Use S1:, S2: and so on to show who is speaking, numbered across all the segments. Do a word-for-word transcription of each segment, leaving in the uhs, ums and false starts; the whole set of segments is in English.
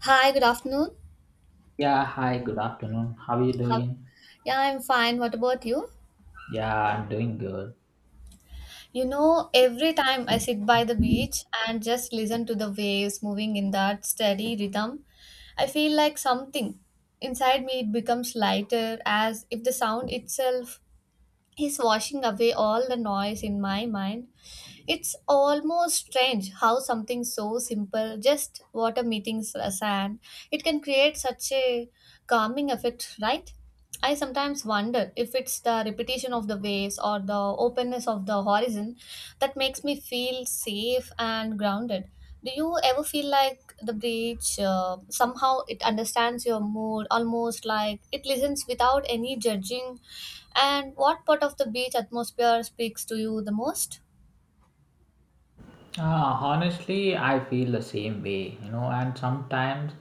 S1: Hi, good afternoon.
S2: Yeah, hi, good afternoon. How are you
S1: How?
S2: doing?
S1: Yeah, I'm fine. What about you?
S2: Yeah, I'm doing good.
S1: You know, every time I sit by the beach and just listen to the waves moving in that steady rhythm, I feel like something inside me it becomes lighter as if the sound itself he's washing away all the noise in my mind. It's almost strange how something so simple, just water meeting s- sand, it can create such a calming effect, right? I sometimes wonder if it's the repetition of the waves or the openness of the horizon that makes me feel safe and grounded. Do you ever feel like the beach uh, somehow it understands your mood, almost like it listens without any judging, and what part of the beach atmosphere speaks to you the most?
S2: Uh, honestly, I feel the same way, you know, and sometimes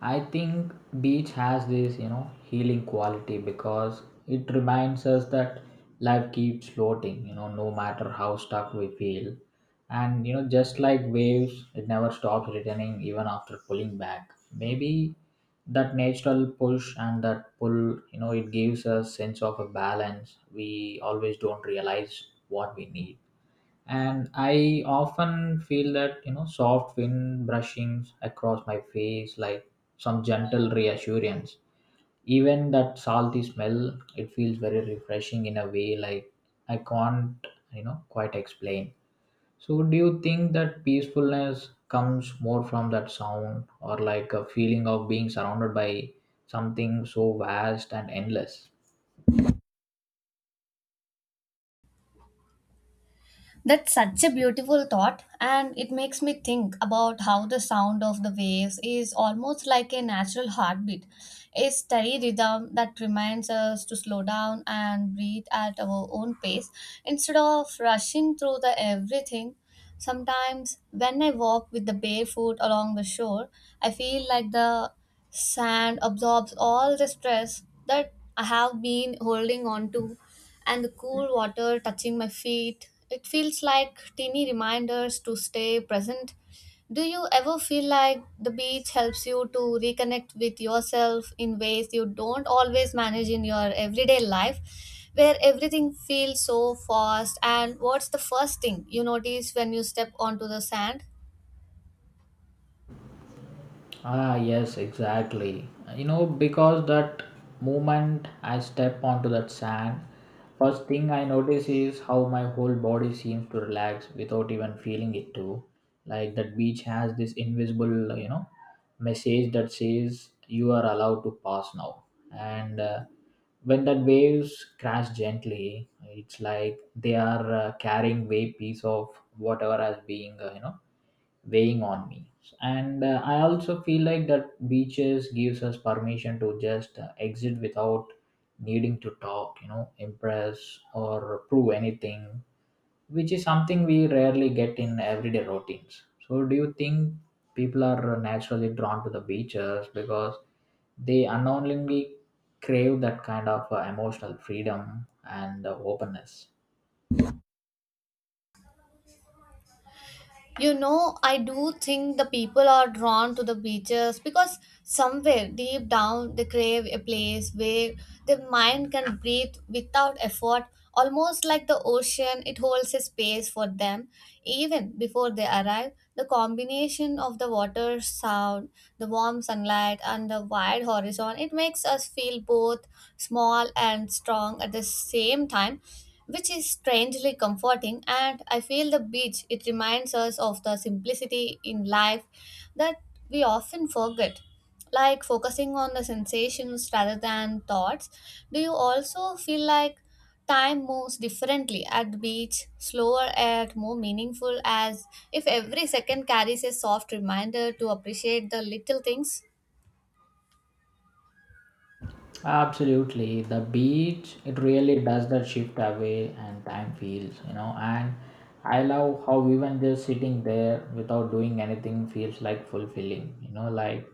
S2: I think beach has this, you know, healing quality because it reminds us that life keeps floating, you know, no matter how stuck we feel. And, you know, just like waves, it never stops returning even after pulling back. Maybe that natural push and that pull, you know, it gives us sense of a balance we always don't realize what we need, and I often feel that, you know, soft wind brushing across my face like some gentle reassurance. Even that salty smell, it feels very refreshing in a way, like I can't, you know, quite explain. So do you think that peacefulness comes more from that sound, or like a feeling of being surrounded by something so vast and endless?
S1: That's such a beautiful thought, and it makes me think about how the sound of the waves is almost like a natural heartbeat, a steady rhythm that reminds us to slow down and breathe at our own pace instead of rushing through the everything. Sometimes, when I walk with the barefoot along the shore, I feel like the sand absorbs all the stress that I have been holding on to, and the cool water touching my feet, it feels like teeny reminders to stay present. Do you ever feel like the beach helps you to reconnect with yourself in ways you don't always manage in your everyday life, where everything feels so fast? And what's the first thing you notice when you step onto the sand?
S2: Ah, yes, exactly. You know, because that moment I step onto that sand, first thing I notice is how my whole body seems to relax without even feeling it too. Like that beach has this invisible, you know, message that says you are allowed to pass now. And uh, When that waves crash gently, it's like they are uh, carrying way piece of whatever has being, uh, you know, weighing on me. And uh, I also feel like that beaches gives us permission to just uh, exit without needing to talk, you know, impress or prove anything, which is something we rarely get in everyday routines. So do you think people are naturally drawn to the beaches because they unknowingly crave that kind of uh, emotional freedom and uh, openness?
S1: You know, I do think the people are drawn to the beaches because somewhere deep down they crave a place where their mind can breathe without effort, almost like the ocean, it holds a space for them. Even before they arrive, the combination of the water sound, the warm sunlight, and the wide horizon, it makes us feel both small and strong at the same time, which is strangely comforting. And I feel the beach, it reminds us of the simplicity in life that we often forget, like focusing on the sensations rather than thoughts. Do you also feel like time moves differently at the beach, slower and more meaningful, as if every second carries a soft reminder to appreciate the little things?
S2: Absolutely, the beach it really does that shift away and time feels, you know. And I love how even just sitting there without doing anything feels like fulfilling, you know, like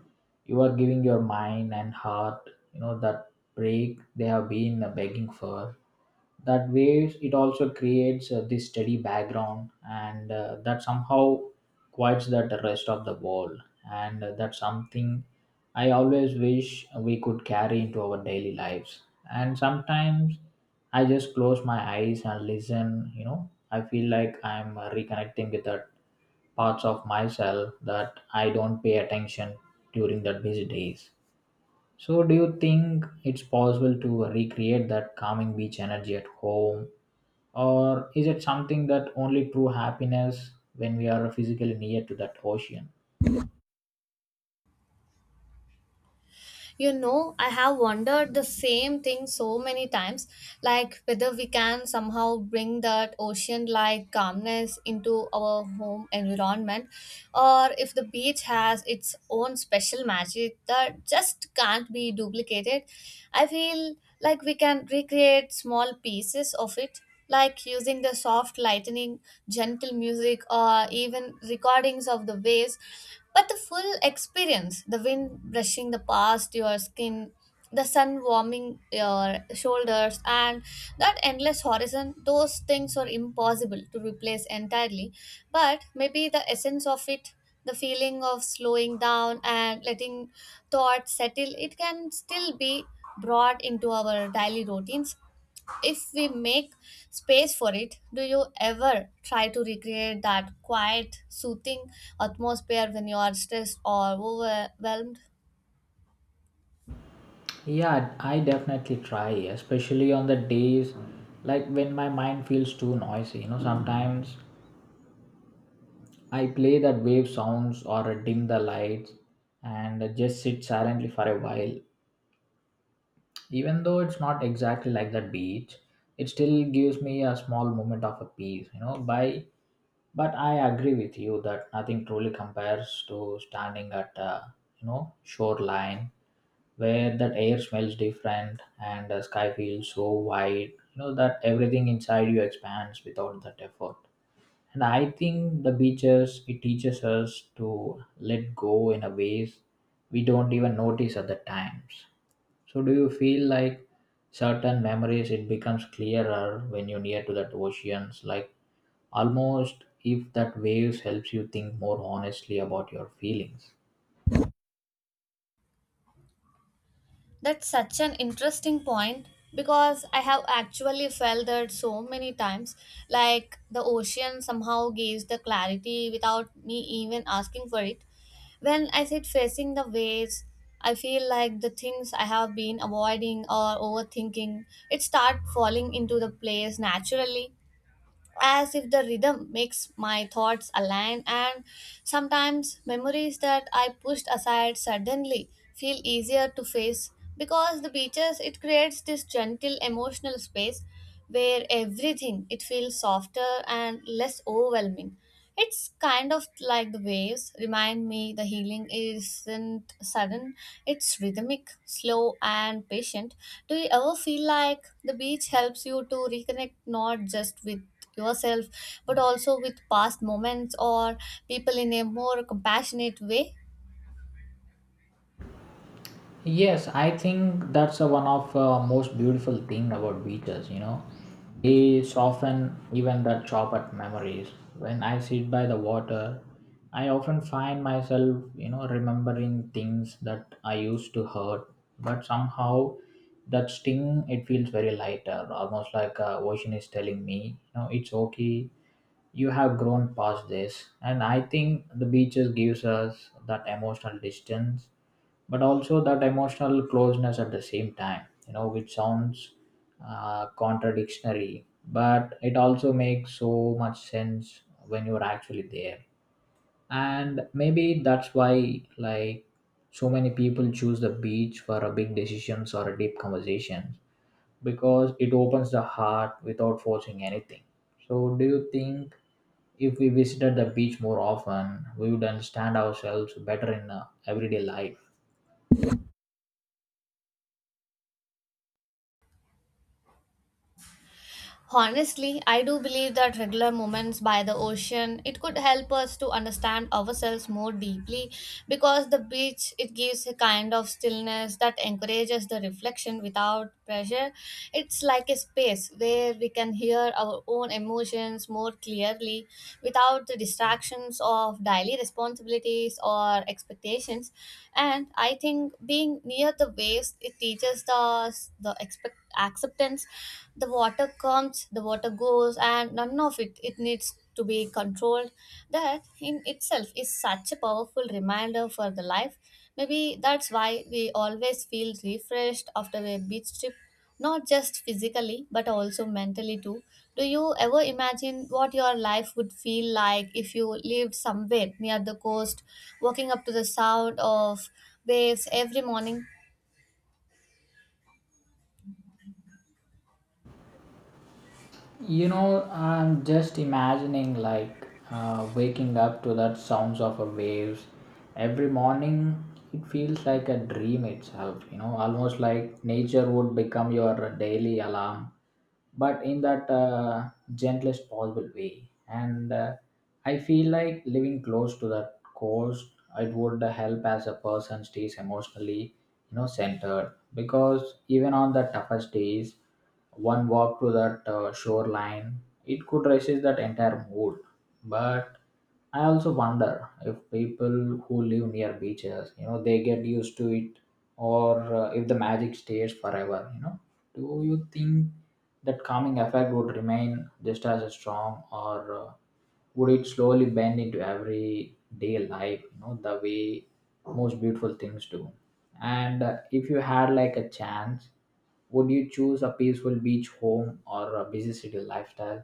S2: you are giving your mind and heart, you know, that break they have been begging for. That waves it also creates uh, this steady background, and uh, that somehow quiets that the rest of the world, and uh, that's something I always wish we could carry into our daily lives. And sometimes I just close my eyes and listen, you know. I feel like I'm reconnecting with that parts of myself that I don't pay attention during the busy days. So do you think it's possible to recreate that calming beach energy at home, or is it something that only true happiness when we are physically near to that ocean?
S1: You know, I have wondered the same thing so many times, like whether we can somehow bring that ocean like calmness into our home environment, or if the beach has its own special magic that just can't be duplicated. I feel like we can recreate small pieces of it, like using the soft lightning, gentle music, or even recordings of the waves. But the full experience, the wind brushing the past your skin, the sun warming your shoulders, and that endless horizon, those things are impossible to replace entirely. But maybe the essence of it, the feeling of slowing down and letting thoughts settle, it can still be brought into our daily routines if we make space for it. Do you ever try to recreate that quiet, soothing atmosphere when you are stressed or overwhelmed?
S2: Yeah, I definitely try, especially on the days like when my mind feels too noisy. You know, sometimes I play that wave sounds or dim the lights and just sit silently for a while. Even though it's not exactly like the beach, it still gives me a small moment of a peace, you know, by but I agree with you that nothing truly compares to standing at a, you know, shoreline where that air smells different and the sky feels so wide, you know, that everything inside you expands without that effort. And I think the beaches it teaches us to let go in a ways we don't even notice at the times. So do you feel like certain memories it becomes clearer when you're near to that oceans, like almost if that waves helps you think more honestly about your feelings?
S1: That's such an interesting point, because I have actually felt that so many times. Like the ocean somehow gives the clarity without me even asking for it. When I sit facing the waves, I feel like the things I have been avoiding or overthinking, it start falling into the place naturally, as if the rhythm makes my thoughts align, and sometimes memories that I pushed aside suddenly feel easier to face because the beaches it creates this gentle emotional space where everything it feels softer and less overwhelming. It's kind of like the waves remind me the healing isn't sudden, it's rhythmic, slow and patient. Do you ever feel like the beach helps you to reconnect not just with yourself, but also with past moments or people in a more compassionate way?
S2: Yes, I think that's a one of uh, most beautiful thing about beaches. You know, they soften even the chop at memories. When I sit by the water, I often find myself, you know, remembering things that I used to hurt, but somehow that sting it feels very lighter, almost like uh, ocean is telling me, you know, it's okay. You have grown past this, and I think the beaches gives us that emotional distance but also that emotional closeness at the same time, you know, which sounds uh, contradictory, but it also makes so much sense when you're actually there. And maybe that's why, like, so many people choose the beach for a big decisions or a deep conversation, because it opens the heart without forcing anything. So do you think if we visited the beach more often we would understand ourselves better in uh, everyday life?
S1: Honestly, I do believe that regular moments by the ocean it could help us to understand ourselves more deeply, because the beach it gives a kind of stillness that encourages the reflection without pressure. It's like a space where we can hear our own emotions more clearly without the distractions of daily responsibilities or expectations. And I think being near the waves it teaches us the expect acceptance. The water comes, the water goes, and none of it it needs to be controlled. That in itself is such a powerful reminder for the life. Maybe that's why we always feel refreshed after a beach trip, not just physically but also mentally too. Do you ever imagine what your life would feel like if you lived somewhere near the coast, walking up to the sound of waves every morning?
S2: You know, I'm just imagining like uh, waking up to that sounds of a waves every morning. It feels like a dream itself. You know, almost like nature would become your daily alarm, but in that uh, gentlest possible way. And uh, I feel like living close to that coast. It would help as a person stays emotionally, you know, centered, because even on the toughest days one walk to that uh, shoreline, it could resist that entire mood. But I also wonder if people who live near beaches, you know, they get used to it, or uh, if the magic stays forever. You know, do you think that calming effect would remain just as strong, or uh, would it slowly bend into everyday life? You know, the way most beautiful things do. And uh, If you had like a chance, would you choose a peaceful beach home or a busy city lifestyle?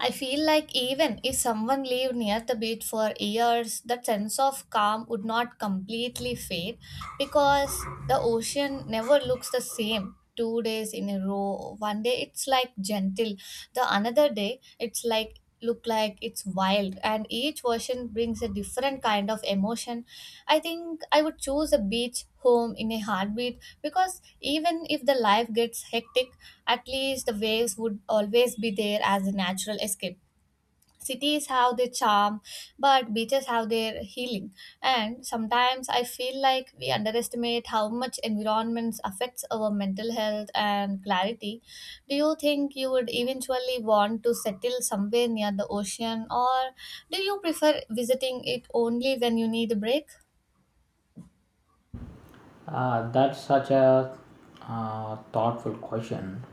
S1: I feel like even if someone lived near the beach for years, that sense of calm would not completely fade because the ocean never looks the same. Two days in a row, one day it's like gentle, the another day it's like look like it's wild, and each version brings a different kind of emotion. I think I would choose a beach home in a heartbeat, because even if the life gets hectic, at least the waves would always be there as a natural escape. Cities have their charm, but beaches have their healing, and sometimes I feel like we underestimate how much environments affects our mental health and clarity. Do you think you would eventually want to settle somewhere near the ocean, or do you prefer visiting it only when you need a break?
S2: Uh, that's such a uh, thoughtful question.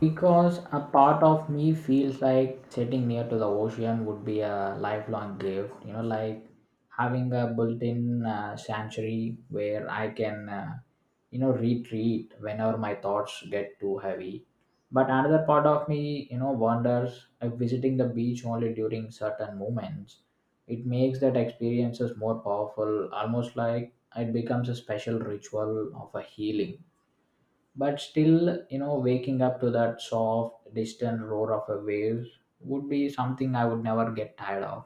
S2: Because a part of me feels like sitting near to the ocean would be a lifelong gift, you know, like having a built in uh, sanctuary where I can, uh, you know, retreat whenever my thoughts get too heavy. But another part of me, you know, wonders if visiting the beach only during certain moments, it makes that experiences more powerful, almost like it becomes a special ritual of a healing. But still, you know, waking up to that soft distant roar of a wave would be something I would never get tired of,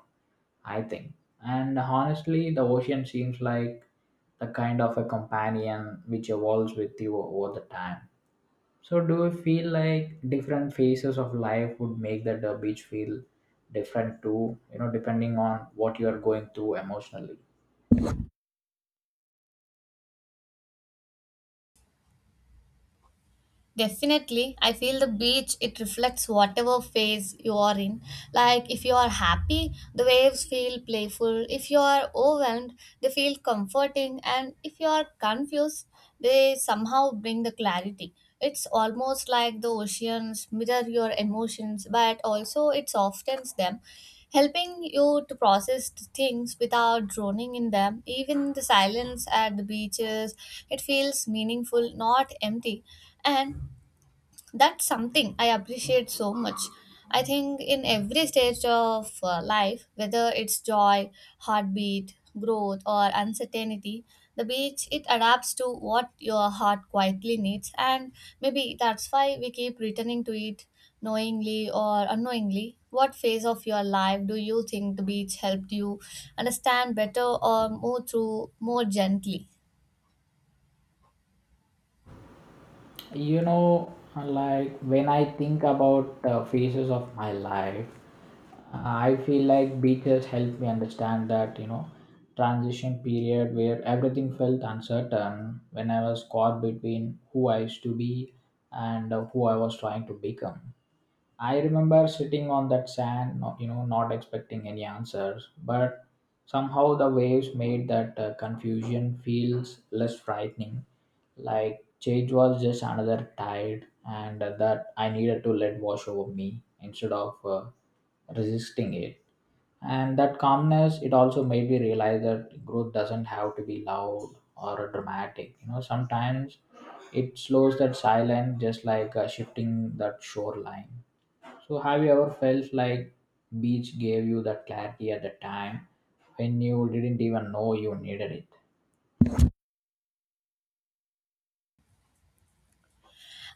S2: I think. And honestly, the ocean seems like the kind of a companion which evolves with you over the time. So do you feel like different phases of life would make the uh, beach feel different too, you know, depending on what you are going through emotionally?
S1: Definitely, I feel the beach it reflects whatever phase you are in. Like if you are happy, the waves feel playful. If you are overwhelmed, they feel comforting. And if you are confused, they somehow bring the clarity. It's almost like the oceans mirror your emotions, but also it softens them, helping you to process the things without droning in them. Even the silence at the beaches, it feels meaningful, not empty. And that's something I appreciate so much. I think in every stage of uh, life, whether it's joy, heartbeat, growth or uncertainty, the beach it adapts to what your heart quietly needs, and maybe that's why we keep returning to it, knowingly or unknowingly. What phase of your life do you think the beach helped you understand better or move through more gently?
S2: You know, like when I think about uh, phases of my life, uh, I feel like beaches helped me understand that, you know, transition period where everything felt uncertain, when I was caught between who I used to be and uh, who I was trying to become. I remember sitting on that sand, no- you know, not expecting any answers, but somehow the waves made that uh, confusion feels less frightening. Like change was just another tide, and that I needed to let wash over me instead of uh, resisting it. And that calmness, it also made me realize that growth doesn't have to be loud or dramatic. You know, sometimes it slows that silence, just like uh, shifting that shoreline. So, have you ever felt like beach gave you that clarity at the time when you didn't even know you needed it?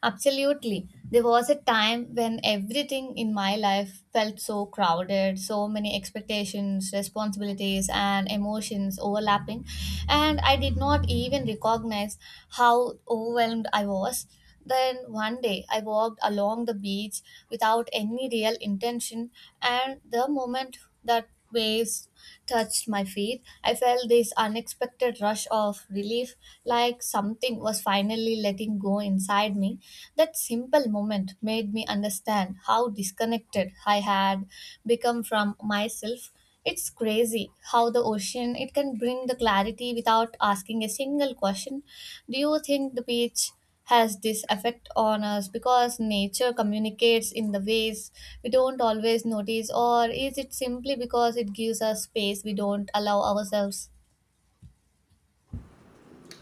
S1: Absolutely. There was a time when everything in my life felt so crowded, so many expectations, responsibilities, and emotions overlapping, and I did not even recognize how overwhelmed I was. Then one day I walked along the beach without any real intention, and the moment that waves touched my feet, I felt this unexpected rush of relief, like something was finally letting go inside me. That simple moment made me understand how disconnected I had become from myself. It's crazy how the ocean it can bring the clarity without asking a single question. Do you think the beach has this effect on us because nature communicates in the ways we don't always notice, or is it simply because it gives us space we don't allow ourselves?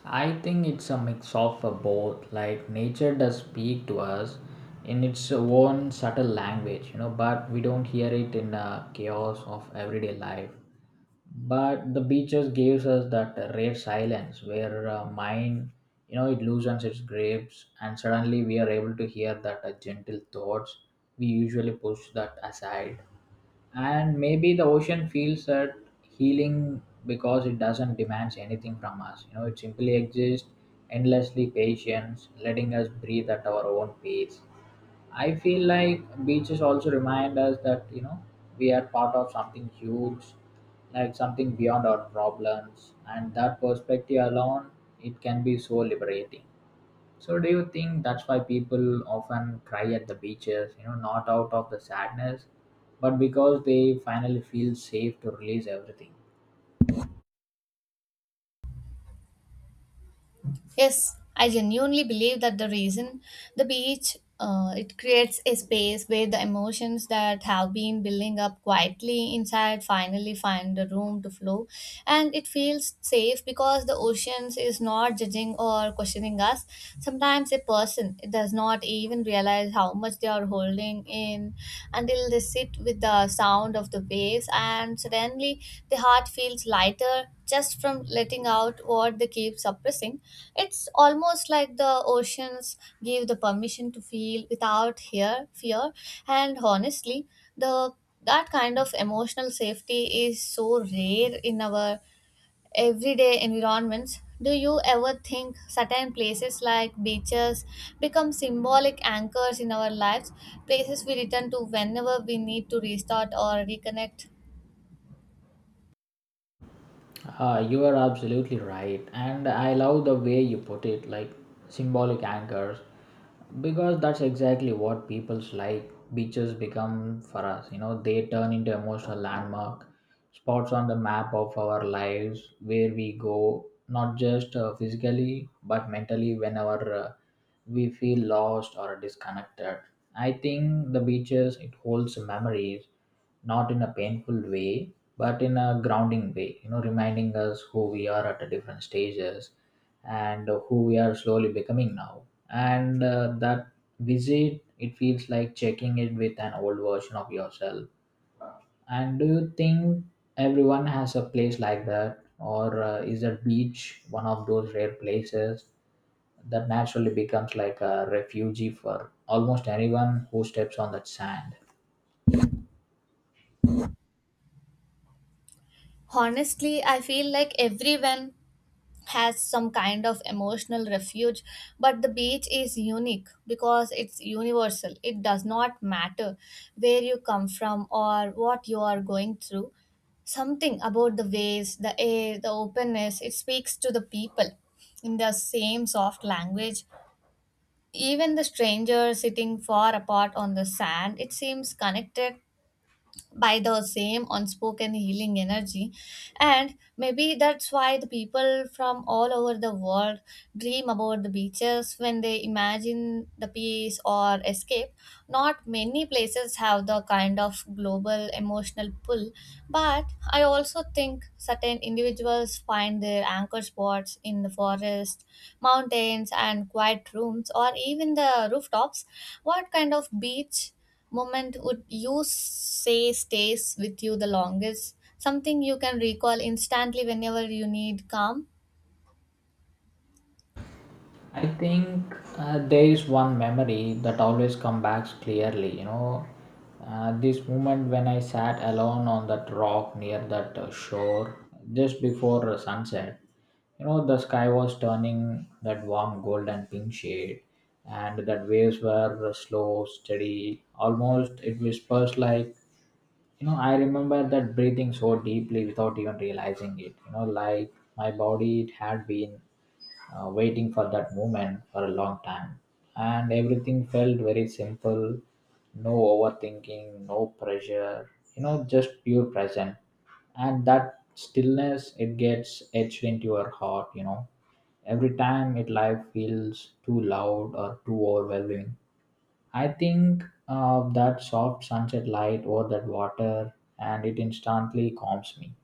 S2: I think it's a mix of uh, both. Like nature does speak to us in its own subtle language, you know, but we don't hear it in the chaos of everyday life. But the beaches gives us that rare silence where uh, mind, you know, it loosens its grips, and suddenly we are able to hear that uh, gentle thoughts we usually push that aside. And maybe the ocean feels that healing because it doesn't demands anything from us, you know, it simply exists, endlessly patient, letting us breathe at our own pace. I feel like beaches also remind us that, you know, we are part of something huge, like something beyond our problems, and that perspective alone it can be so liberating. So, do you think that's why people often cry at the beaches? You know, not out of the sadness, but because they finally feel safe to release everything.
S1: Yes, I genuinely believe that the reason the beach uh, it creates a space where the emotions that have been building up quietly inside finally find the room to flow, and it feels safe because the oceans is not judging or questioning us. Sometimes a person does not even realize how much they are holding in in until they sit with the sound of the waves, and suddenly the heart feels lighter just from letting out what they keep suppressing. It's almost like the oceans give the permission to feel without fear, fear, and honestly, the that kind of emotional safety is so rare in our everyday environments. Do you ever think certain places like beaches become symbolic anchors in our lives, places we return to whenever we need to restart or reconnect?
S2: Uh, you are absolutely right, and I love the way you put it, like symbolic anchors, because that's exactly what people's like beaches become for us. You know, they turn into emotional landmark spots on the map of our lives, where we go not just uh, physically but mentally whenever uh, we feel lost or disconnected. I think the beaches it holds memories, not in a painful way but in a grounding way, you know, reminding us who we are at a different stages and who we are slowly becoming now. And uh, That visit it feels like checking it with an old version of yourself. And do you think everyone has a place like that, or uh, is a beach one of those rare places that naturally becomes like a refugee for almost anyone who steps on that sand?
S1: Honestly, I feel like everyone has some kind of emotional refuge, but the beach is unique because it's universal. It does not matter where you come from or what you are going through, something about the waves, the air, the openness, it speaks to the people in the same soft language. Even the stranger sitting far apart on the sand, it seems connected by the same unspoken healing energy, and maybe that's why the people from all over the world dream about the beaches when they imagine the peace or escape. Not many places have the kind of global emotional pull, but I also think certain individuals find their anchor spots in the forest, mountains and quiet rooms, or even the rooftops. What kind of beach moment would you say stays with you the longest? Something you can recall instantly whenever you need calm?
S2: I think uh, there is one memory that always comes back clearly. You know, uh, this moment when I sat alone on that rock near that uh, shore just before sunset. You know, the sky was turning that warm gold and pink shade, and that waves were uh, slow, steady. Almost it whispers like, you know, I remember that breathing so deeply without even realizing it. You know, like my body it had been uh, waiting for that moment for a long time. And everything felt very simple, no overthinking, no pressure, you know, just pure present. And that stillness, it gets etched into your heart, you know. Every time it life feels too loud or too overwhelming, I think of that soft sunset light over that water, and it instantly calms me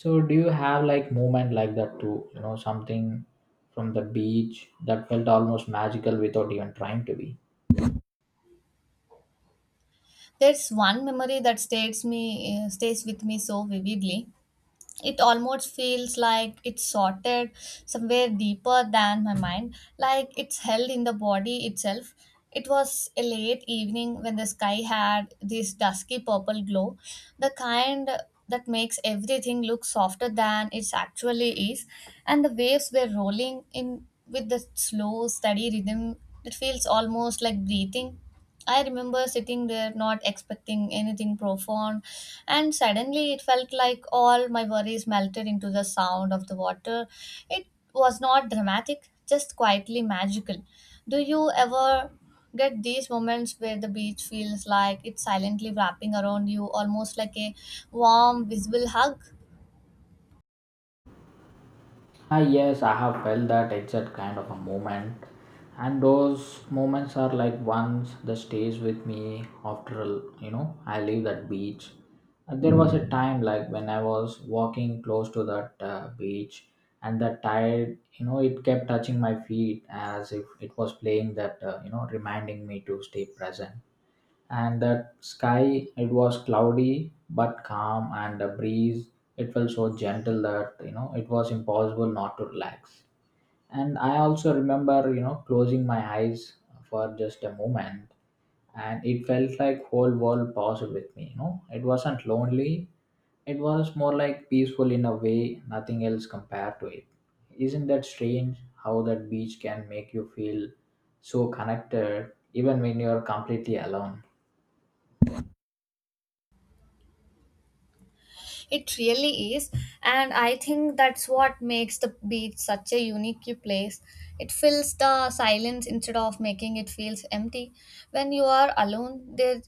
S2: so do you have like moment like that too? You know, something from the beach that felt almost magical without even trying to be.
S1: There's one memory that stays me uh, stays with me so vividly. It almost feels like it's sorted somewhere deeper than my mind, like it's held in the body itself. It was a late evening when the sky had this dusky purple glow, the kind that makes everything look softer than it actually is, and the waves were rolling in with the slow, steady rhythm that feels almost like breathing. I remember sitting there not expecting anything profound, and suddenly it felt like all my worries melted into the sound of the water. It was not dramatic, just quietly magical. Do you ever get these moments where the beach feels like it's silently wrapping around you, almost like a warm, visible hug?
S2: Ah yes, I have felt that exact kind of a moment. And those moments are like ones that stays with me after you know, I leave that beach. And there was a time like when I was walking close to that uh, beach, and the tide, you know, it kept touching my feet as if it was playing that, uh, you know, reminding me to stay present. And that sky, it was cloudy but calm, and the breeze, it felt so gentle that you know it was impossible not to relax. And i also remember, you know closing my eyes for just a moment, and it felt like whole world paused with me you know it wasn't lonely, it was more like peaceful in a way. Nothing else compared to it. Isn't that strange how that beach can make you feel so connected even when you're completely alone?
S1: It really is, and I think that's what makes the beach such a unique place. It fills the silence instead of making it feels empty. When you are alone, there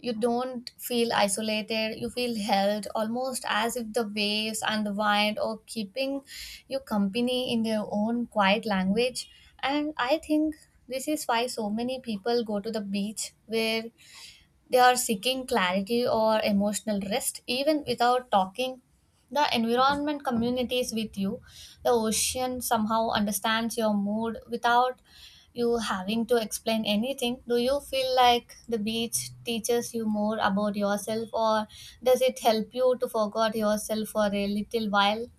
S1: you don't feel isolated. You feel held, almost as if the waves and the wind are keeping you company in their own quiet language. And I think this is why so many people go to the beach where they are seeking clarity or emotional rest even without talking. The environment communicates with you. The ocean somehow understands your mood without you having to explain anything. Do you feel like the beach teaches you more about yourself, or does it help you to forget yourself for a little while?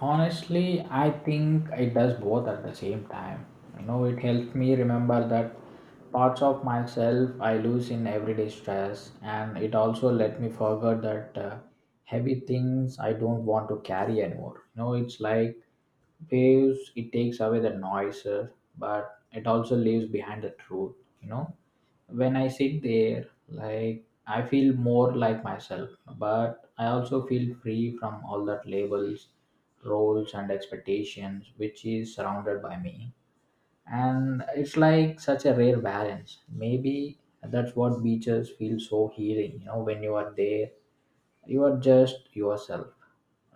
S2: Honestly, I think it does both at the same time. You know, it helps me remember that parts of myself I lose in everyday stress, and it also let me forget that uh, heavy things I don't want to carry anymore. You know, it's like waves, it takes away the noises, but it also leaves behind the truth, you know when I sit there, like I feel more like myself, but I also feel free from all that labels, roles, and expectations which is surrounded by me. And it's like such a rare balance. Maybe that's what beaches feel so healing, you know, when you are there, you are just yourself.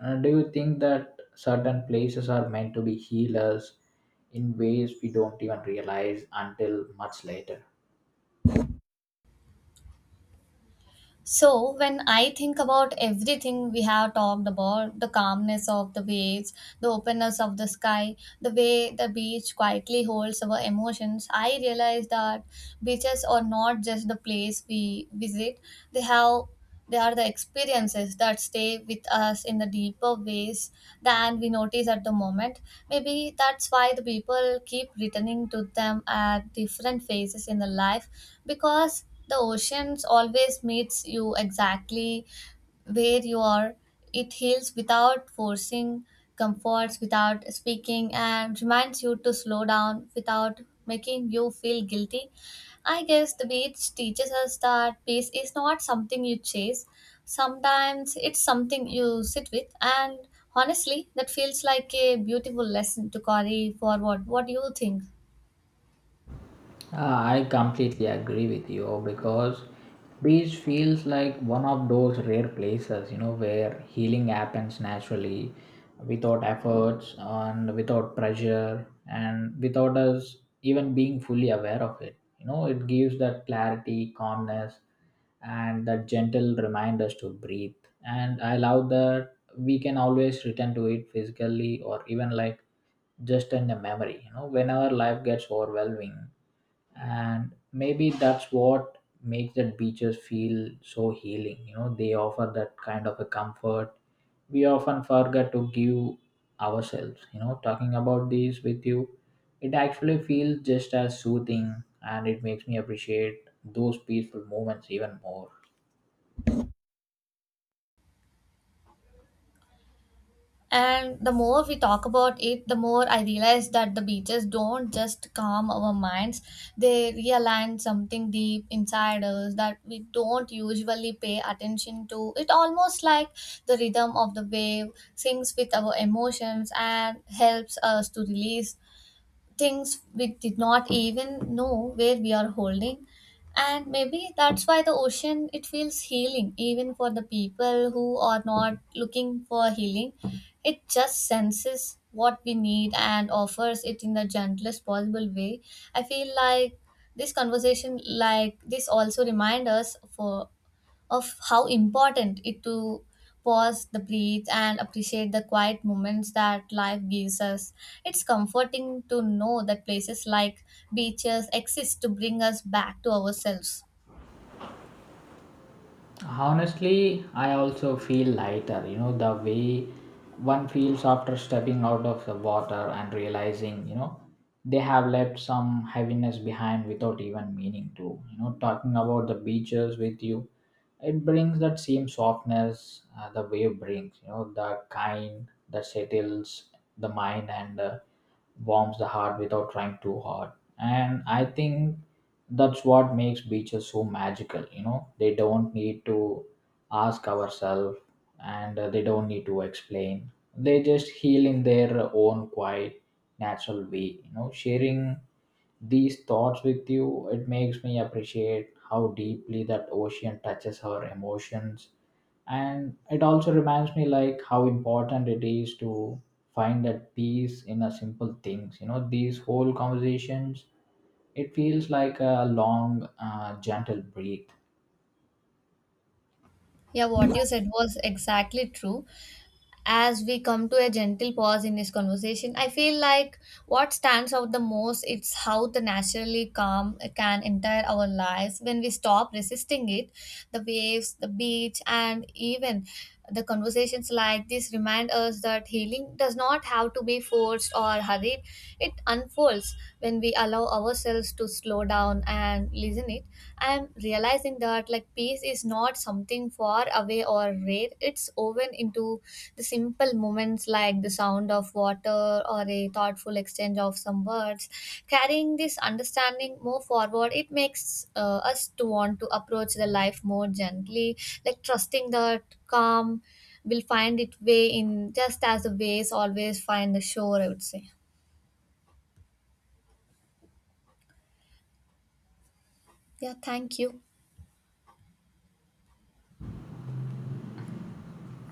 S2: Uh, do you think that certain places are meant to be healers in ways we don't even realize until much later?
S1: So, when I think about everything we have talked about, the calmness of the waves, the openness of the sky, the way the beach quietly holds our emotions, I realize that beaches are not just the place we visit, they have they are the experiences that stay with us in the deeper ways than we notice at the moment. Maybe that's why the people keep returning to them at different phases in the life, because the oceans always meets you exactly where you are. It heals without forcing, comforts without speaking, and reminds you to slow down without making you feel guilty. I guess the beach teaches us that peace is not something you chase. Sometimes it's something you sit with, and honestly, that feels like a beautiful lesson to carry forward. What do you think?
S2: Uh, I completely agree with you because beach feels like one of those rare places, you know, where healing happens naturally, without efforts and without pressure and without us even being fully aware of it. You know, it gives that clarity, calmness, and that gentle reminders to breathe. And I love that we can always return to it physically or even like just in a memory. You know, whenever life gets overwhelming, and maybe that's what makes that beaches feel so healing you know they offer that kind of a comfort we often forget to give ourselves you know talking about this with you, it actually feels just as soothing, and it makes me appreciate those peaceful moments even more
S1: And the more we talk about it, the more I realize that the beaches don't just calm our minds, they realign something deep inside us that we don't usually pay attention to. It almost like the rhythm of the wave sings with our emotions and helps us to release things we did not even know where we are holding. And maybe that's why the ocean, it feels healing even for the people who are not looking for healing. It just senses what we need and offers it in the gentlest possible way. I feel like this conversation like this also remind us for of how important it to pause the breathe and appreciate the quiet moments that life gives us. It's comforting to know that places like beaches exist to bring us back to ourselves.
S2: Honestly, I also feel lighter. You know, the way one feels after stepping out of the water and realizing, you know, they have left some heaviness behind without even meaning to. You know, talking about the beaches with you, it brings that same softness, uh, the wave brings, you know, the kind that settles the mind, and uh, warms the heart without trying too hard. And I think that's what makes beaches so magical you know they don't need to ask ourselves. And uh, they don't need to explain they just heal in their own quiet natural way you know sharing these thoughts with you, it makes me appreciate how deeply that ocean touches our emotions. And it also reminds me, like, how important it is to find that peace in a simple things you know these whole conversations, it feels like a long, uh, gentle breath.
S1: Yeah, what you said was exactly true. As we come to a gentle pause in this conversation, I feel like what stands out the most is how the naturally calm can enter our lives when we stop resisting it. The waves, the beach, and even the conversations like this remind us that healing does not have to be forced or hurried. It unfolds when we allow ourselves to slow down and listen it. I am realizing that like peace is not something far away or rare. It's woven into the simple moments like the sound of water or a thoughtful exchange of some words. Carrying this understanding more forward, it makes uh, us to want to approach the life more gently, like trusting that calm will find its way in just as the waves always find the shore. I would say, yeah, thank you.